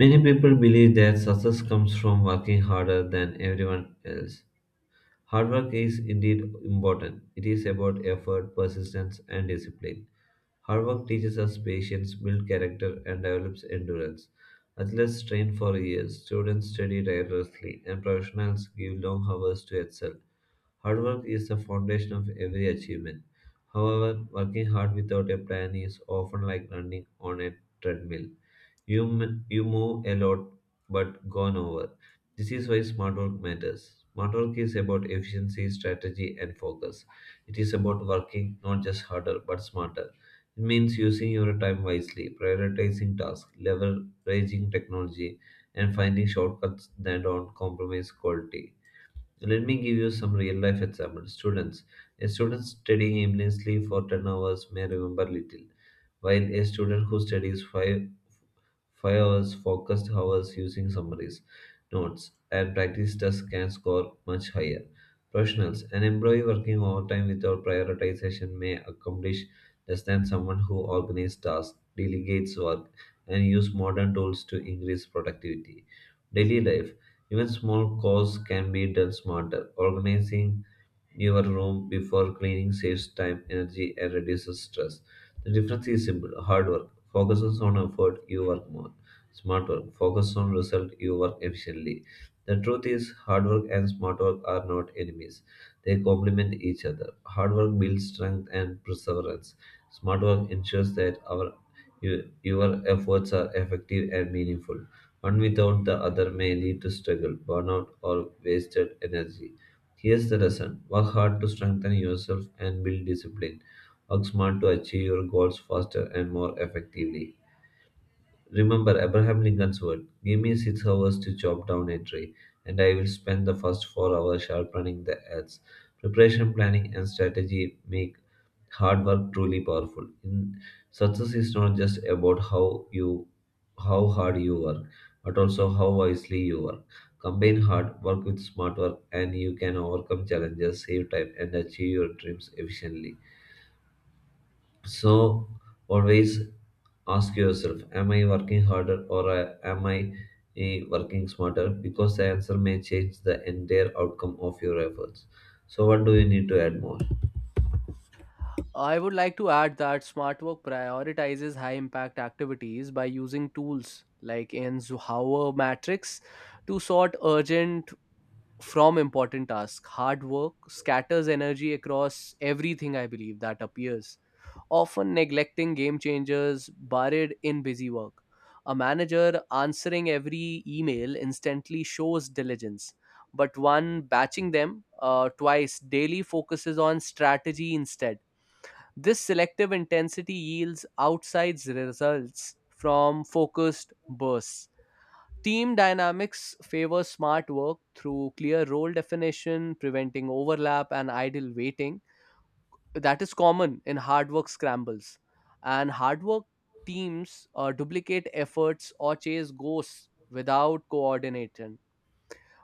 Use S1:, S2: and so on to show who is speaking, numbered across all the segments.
S1: Many people believe that success comes from working harder than everyone else. Hard work is indeed important. It is about effort, persistence, and discipline. Hard work teaches us patience, builds character, and develops endurance. Athletes train for years, students study tirelessly, and professionals give long hours to excel. Hard work is the foundation of every achievement. However, working hard without a plan is often like running on a treadmill. You move a lot, but gone over. This is why smart work matters. Smart work is about efficiency, strategy, and focus. It is about working not just harder, but smarter. It means using your time wisely, prioritizing tasks, leveraging technology, and finding shortcuts that don't compromise quality. Let me give you some real life examples. Students, a student studying aimlessly for 10 hours may remember little, while a student who studies 5 Five hours focused hours using summaries, notes, and practice tests can score much higher. Professionals, an employee working overtime without prioritization may accomplish less than someone who organizes tasks, delegates work, and uses modern tools to increase productivity. Daily life, even small chores can be done smarter. Organizing your room before cleaning saves time, energy, and reduces stress. The difference is simple: hard work focuses on effort, you work more. Smart work focuses on result, you work efficiently. The truth is, hard work and smart work are not enemies. They complement each other. Hard work builds strength and perseverance. Smart work ensures that your efforts are effective and meaningful. One without the other may lead to struggle, burnout, or wasted energy. Here's the lesson: work hard to strengthen yourself and build discipline. Work smart to achieve your goals faster and more effectively. Remember Abraham Lincoln's word: give me 6 hours to chop down a tree, and I will spend the first 4 hours sharpening the axe. Preparation, planning, and strategy make hard work truly powerful. In success is not just about how hard you work, but also how wisely you work. Combine hard work with smart work, and you can overcome challenges, save time, and achieve your dreams efficiently. So always ask yourself, am I working harder, or am I working smarter? Because the answer may change the entire outcome of your efforts. So what do you need to add more?
S2: I would like to add that smart work prioritizes high impact activities by using tools like in Zuhauer matrix to sort urgent from important tasks. Hard work scatters energy across everything, I believe that appears, often neglecting game changers buried in busy work. A manager answering every email instantly shows diligence, but one batching them twice daily focuses on strategy instead. This selective intensity yields outsized results from focused bursts. Team dynamics favor smart work through clear role definition, preventing overlap and idle waiting. That is common in hard work scrambles. And hard work teams duplicate efforts or chase ghosts without coordination.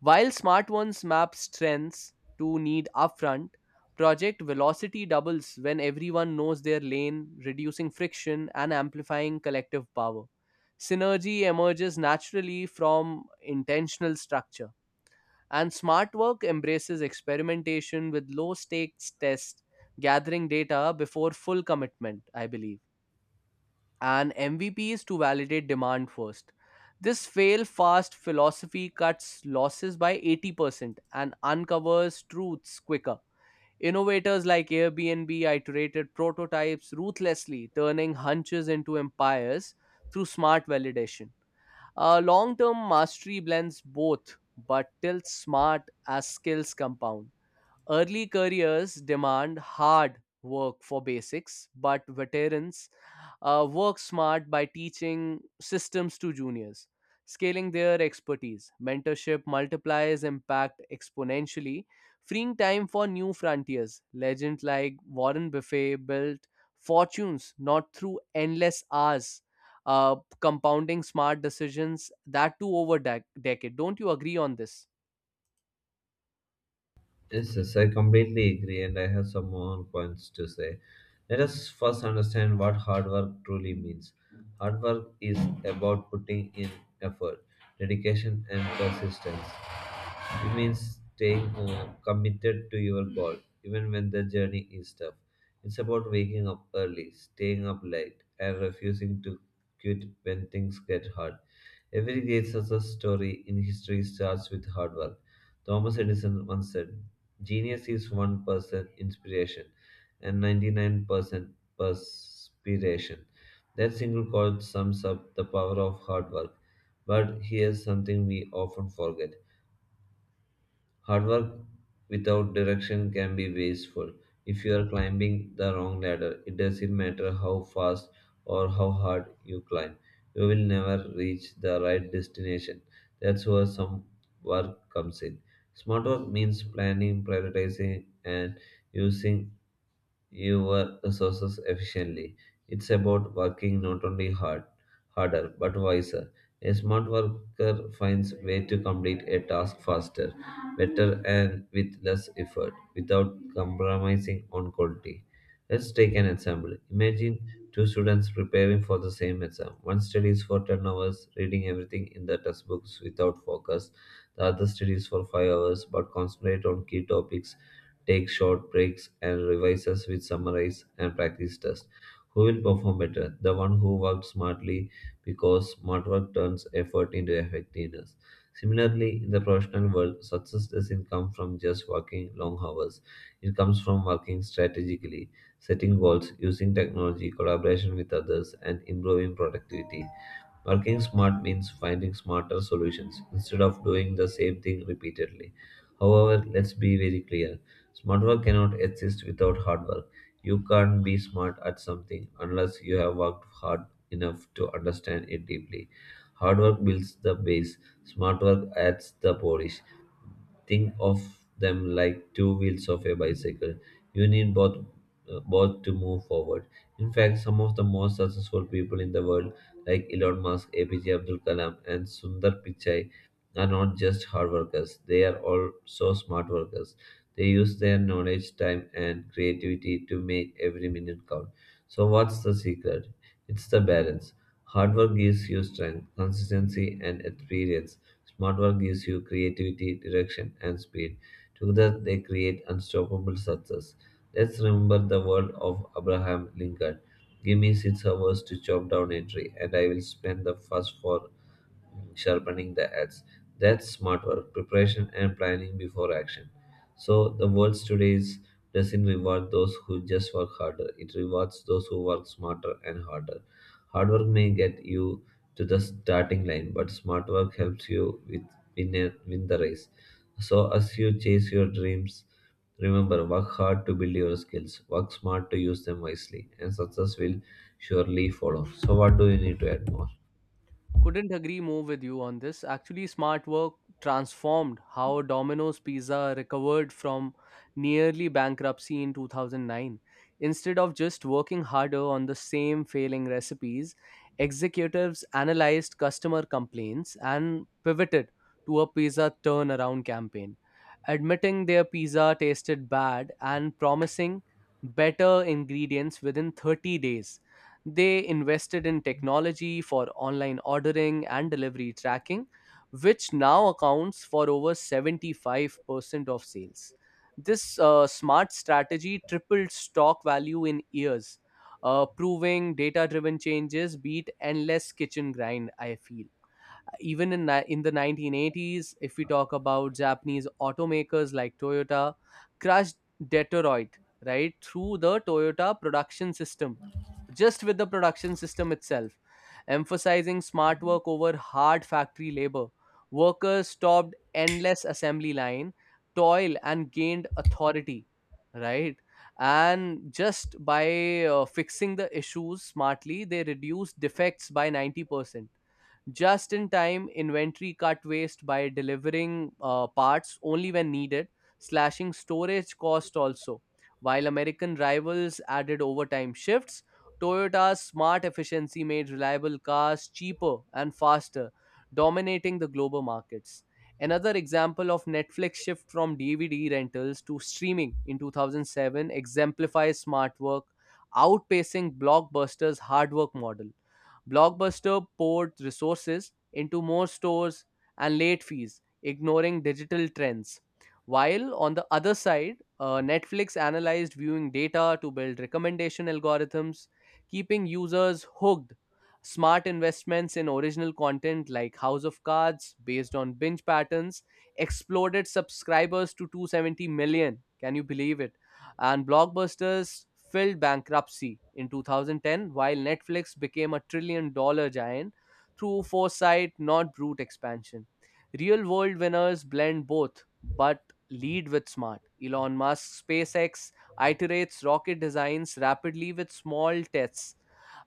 S2: While smart ones map strengths to need upfront, project velocity doubles when everyone knows their lane, reducing friction and amplifying collective power. Synergy emerges naturally from intentional structure, and smart work embraces experimentation with low stakes tests, gathering data before full commitment, I believe, and MVP is to validate demand first. This fail fast philosophy cuts losses by 80% and uncovers truths quicker. Innovators like Airbnb iterated prototypes ruthlessly, turning hunches into empires through smart validation. Long term mastery blends both but tilts smart as skills compound. Early careers demand hard work for basics, but veterans work smart by teaching systems to juniors, scaling their expertise. Mentorship multiplies impact exponentially, freeing time for new frontiers. Legends like Warren Buffet built fortunes not through endless hours. Compounding smart decisions that too over decade. Don't you agree on this?
S1: Yes, yes, I completely agree, and I have some more points to say. Let us first understand what hard work truly means. Hard work is about putting in effort, dedication, and persistence. It means staying committed to your goal, even when the journey is tough. It's about waking up early, staying up late, and refusing to quit when things get hard. Every great success story in history starts with hard work. Thomas Edison once said, "Genius is 1% inspiration and 99% perspiration." That single quote sums up the power of hard work. But here's something we often forget: hard work without direction can be wasteful. If you are climbing the wrong ladder, it doesn't matter how fast or how hard you climb, you will never reach the right destination. That's where some work comes in. Smart work means planning, prioritizing, and using your resources efficiently. It's about working not only harder, but wiser. A smart worker finds way to complete a task faster, better, and with less effort, without compromising on quality. Let's take an example. Imagine two students preparing for the same exam. One studies for 10 hours, reading everything in the textbooks without focus. The other studies for 5 hours, but concentrate on key topics, takes short breaks, and revises with summarize and practice tests. Who will perform better? The one who worked smartly, because smart work turns effort into effectiveness. Similarly, in the professional world, success doesn't come from just working long hours. It comes from working strategically, setting goals, using technology, collaboration with others, and improving productivity. Working smart means finding smarter solutions instead of doing the same thing repeatedly. However, let's be very clear: smart work cannot exist without hard work. You can't be smart at something unless you have worked hard enough to understand it deeply. Hard work builds the base, smart work adds the polish. Think of them like two wheels of a bicycle. You need both to move forward. In fact, some of the most successful people in the world, like Elon Musk, APJ Abdul Kalam, and Sundar Pichai, are not just hard workers. They are also smart workers. They use their knowledge, time, and creativity to make every minute count. So, what's the secret? It's the balance. Hard work gives you strength, consistency, and experience. Smart work gives you creativity, direction, and speed. Together, they create unstoppable success. Let's remember the word of Abraham Lincoln: give me 6 hours to chop down a tree, and I will spend the first four sharpening the edge. That's smart work, preparation and planning before action. So the world today is, doesn't reward those who just work harder. It rewards those who work smarter and harder. Hard work may get you to the starting line, but smart work helps you win the race. So as you chase your dreams, remember: work hard to build your skills, work smart to use them wisely, and success will surely follow. So what do you need to add more?
S2: Couldn't agree more with you on this. Actually, smart work transformed how Domino's Pizza recovered from nearly bankruptcy in 2009. Instead of just working harder on the same failing recipes, executives analyzed customer complaints and pivoted to a pizza turnaround campaign, admitting their pizza tasted bad and promising better ingredients within 30 days. They invested in technology for online ordering and delivery tracking, which now accounts for over 75% of sales. This smart strategy tripled stock value in years, proving data driven changes beat endless kitchen grind, I feel. Even in the 1980s, if we talk about Japanese automakers like Toyota, crushed Detroit, right, through the Toyota production system, just with the production system itself, emphasizing smart work over hard factory labor. Workers stopped endless assembly line toil and gained authority, right? And just by fixing the issues smartly, they reduced defects by 90%. Just in time inventory cut waste by delivering parts only when needed, slashing storage cost also, while american rivals added overtime shifts. Toyota's smart efficiency made reliable cars cheaper and faster, dominating the global markets. Another example of netflix shift from dvd rentals to streaming in 2007 exemplifies smart work, outpacing blockbuster's hard work model. Blockbuster poured resources into more stores and late fees, ignoring digital trends. While on the other side, Netflix analyzed viewing data to build recommendation algorithms, keeping users hooked. Smart investments in original content like House of Cards, based on binge patterns, exploded subscribers to 270 million. Can you believe it? And blockbusters filled bankruptcy in 2010 while netflix became a trillion dollar giant through foresight, not brute expansion. Real world winners blend both but lead with smart. Elon Musk spacex iterates rocket designs rapidly with small tests.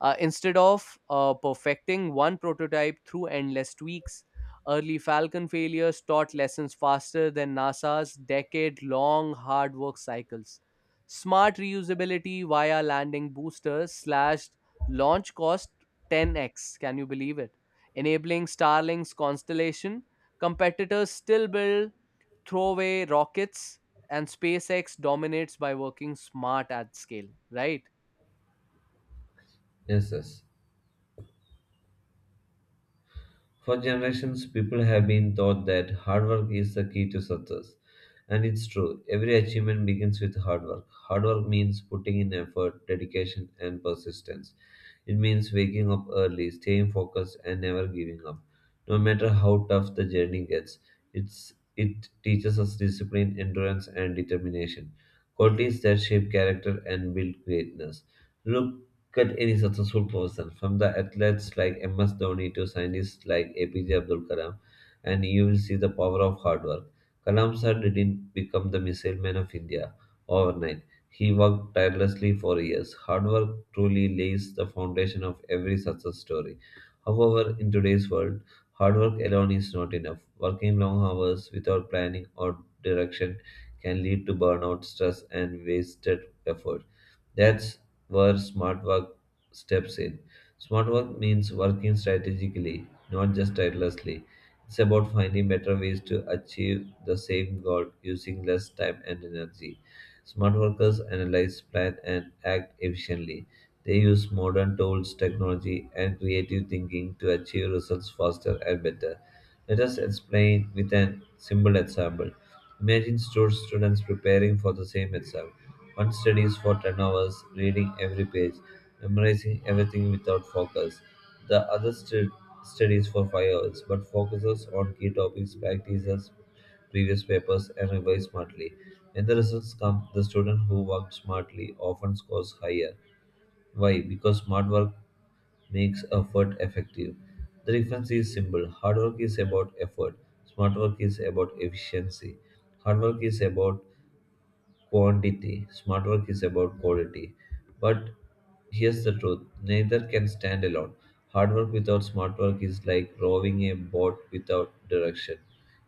S2: Instead of perfecting one prototype through endless tweaks, early falcon failures taught lessons faster than nasa's decade long hard work cycles. Smart reusability via landing boosters slashed launch cost 10x. Can you believe it? Enabling Starlink's constellation, competitors still build throwaway rockets, and SpaceX dominates by working smart at scale, right?
S1: Yes, yes. For generations, people have been taught that hard work is the key to success. And it's true, every achievement begins with hard work. Hard work means putting in effort, dedication, and persistence. It means waking up early, staying focused, and never giving up. No matter how tough the journey gets, it teaches us discipline, endurance, and determination. Qualities that shape character and build greatness. Look, cut any successful person, from the athletes like MS Dhoni to scientists like APJ Abdul Kalam, and you will see the power of hard work. Kalam sir didn't become the missile man of India overnight. He worked tirelessly for years. Hard work truly lays the foundation of every success story. However, in today's world, hard work alone is not enough. Working long hours without planning or direction can lead to burnout, stress, and wasted effort. That's where smart work steps in. Smart work means working strategically, not just tirelessly. It's about finding better ways to achieve the same goal using less time and energy. Smart workers analyze, plan, and act efficiently. They use modern tools, technology, and creative thinking to achieve results faster and better. Let us explain with an simple example. Imagine two students preparing for the same exam. One studies for 10 hours, reading every page, memorizing everything without focus. The studies for 5 hours but focuses on key topics, practices previous papers, and revise smartly. When the results come, the student who worked smartly often scores higher. Why? Because smart work makes effort effective. The difference is simple. Hard work is about effort. Smart work is about efficiency. Hard work is about quantity. Smart work is about quality. But here's the truth: neither can stand alone. Hard work without smart work is like rowing a boat without direction.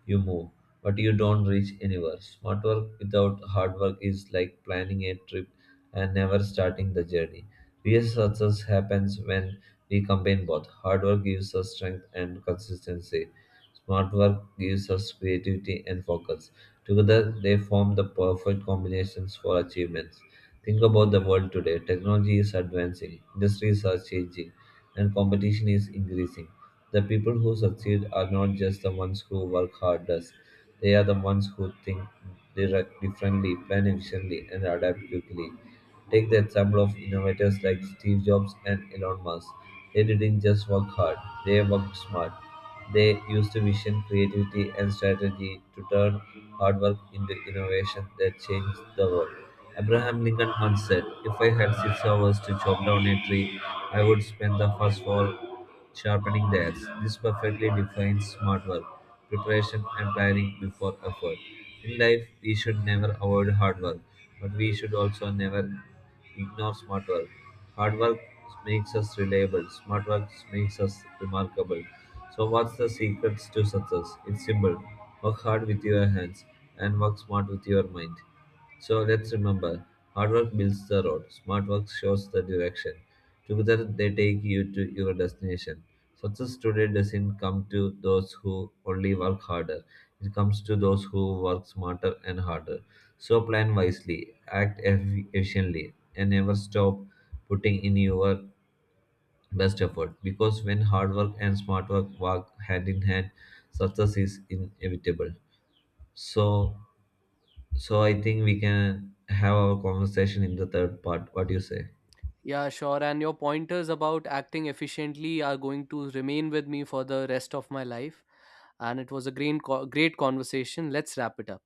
S1: You move, but you don't reach anywhere. Smart work without hard work is like planning a trip and never starting the journey. Real success happens when we combine both. Hard work gives us strength and consistency. Smart work gives us creativity and focus. Together, they form the perfect combinations for achievements. Think about the world today. Technology is advancing, industries are changing, and competition is increasing. The people who succeed are not just the ones who work hardest, they are the ones who think differently, plan efficiently, and adapt quickly. Take the example of innovators like Steve Jobs and Elon Musk. They didn't just work hard, they worked smart. They used vision, creativity, and strategy to turn hard work into innovation that changed the world. Abraham Lincoln once said, "If I had 6 hours to chop down a tree, I would spend the first four sharpening the axe." This perfectly defines smart work, preparation, and planning before effort. In life, we should never avoid hard work, but we should also never ignore smart work. Hard work makes us reliable, smart work makes us remarkable. So, what's the secrets to success? It's simple: work hard with your hands and work smart with your mind. So let's remember, hard work builds the road, smart work shows the direction. Together they take you to your destination. Success today doesn't come to those who only work harder, it comes to those who work smarter and harder. So plan wisely, act efficiently, and never stop putting in your best effort, because when hard work and smart work work hand in hand, success is inevitable. So so I think we can have our conversation in the third part. What do you say?
S2: Yeah, sure. And your pointers about acting efficiently are going to remain with me for the rest of my life. And it was a great conversation. Let's wrap it up.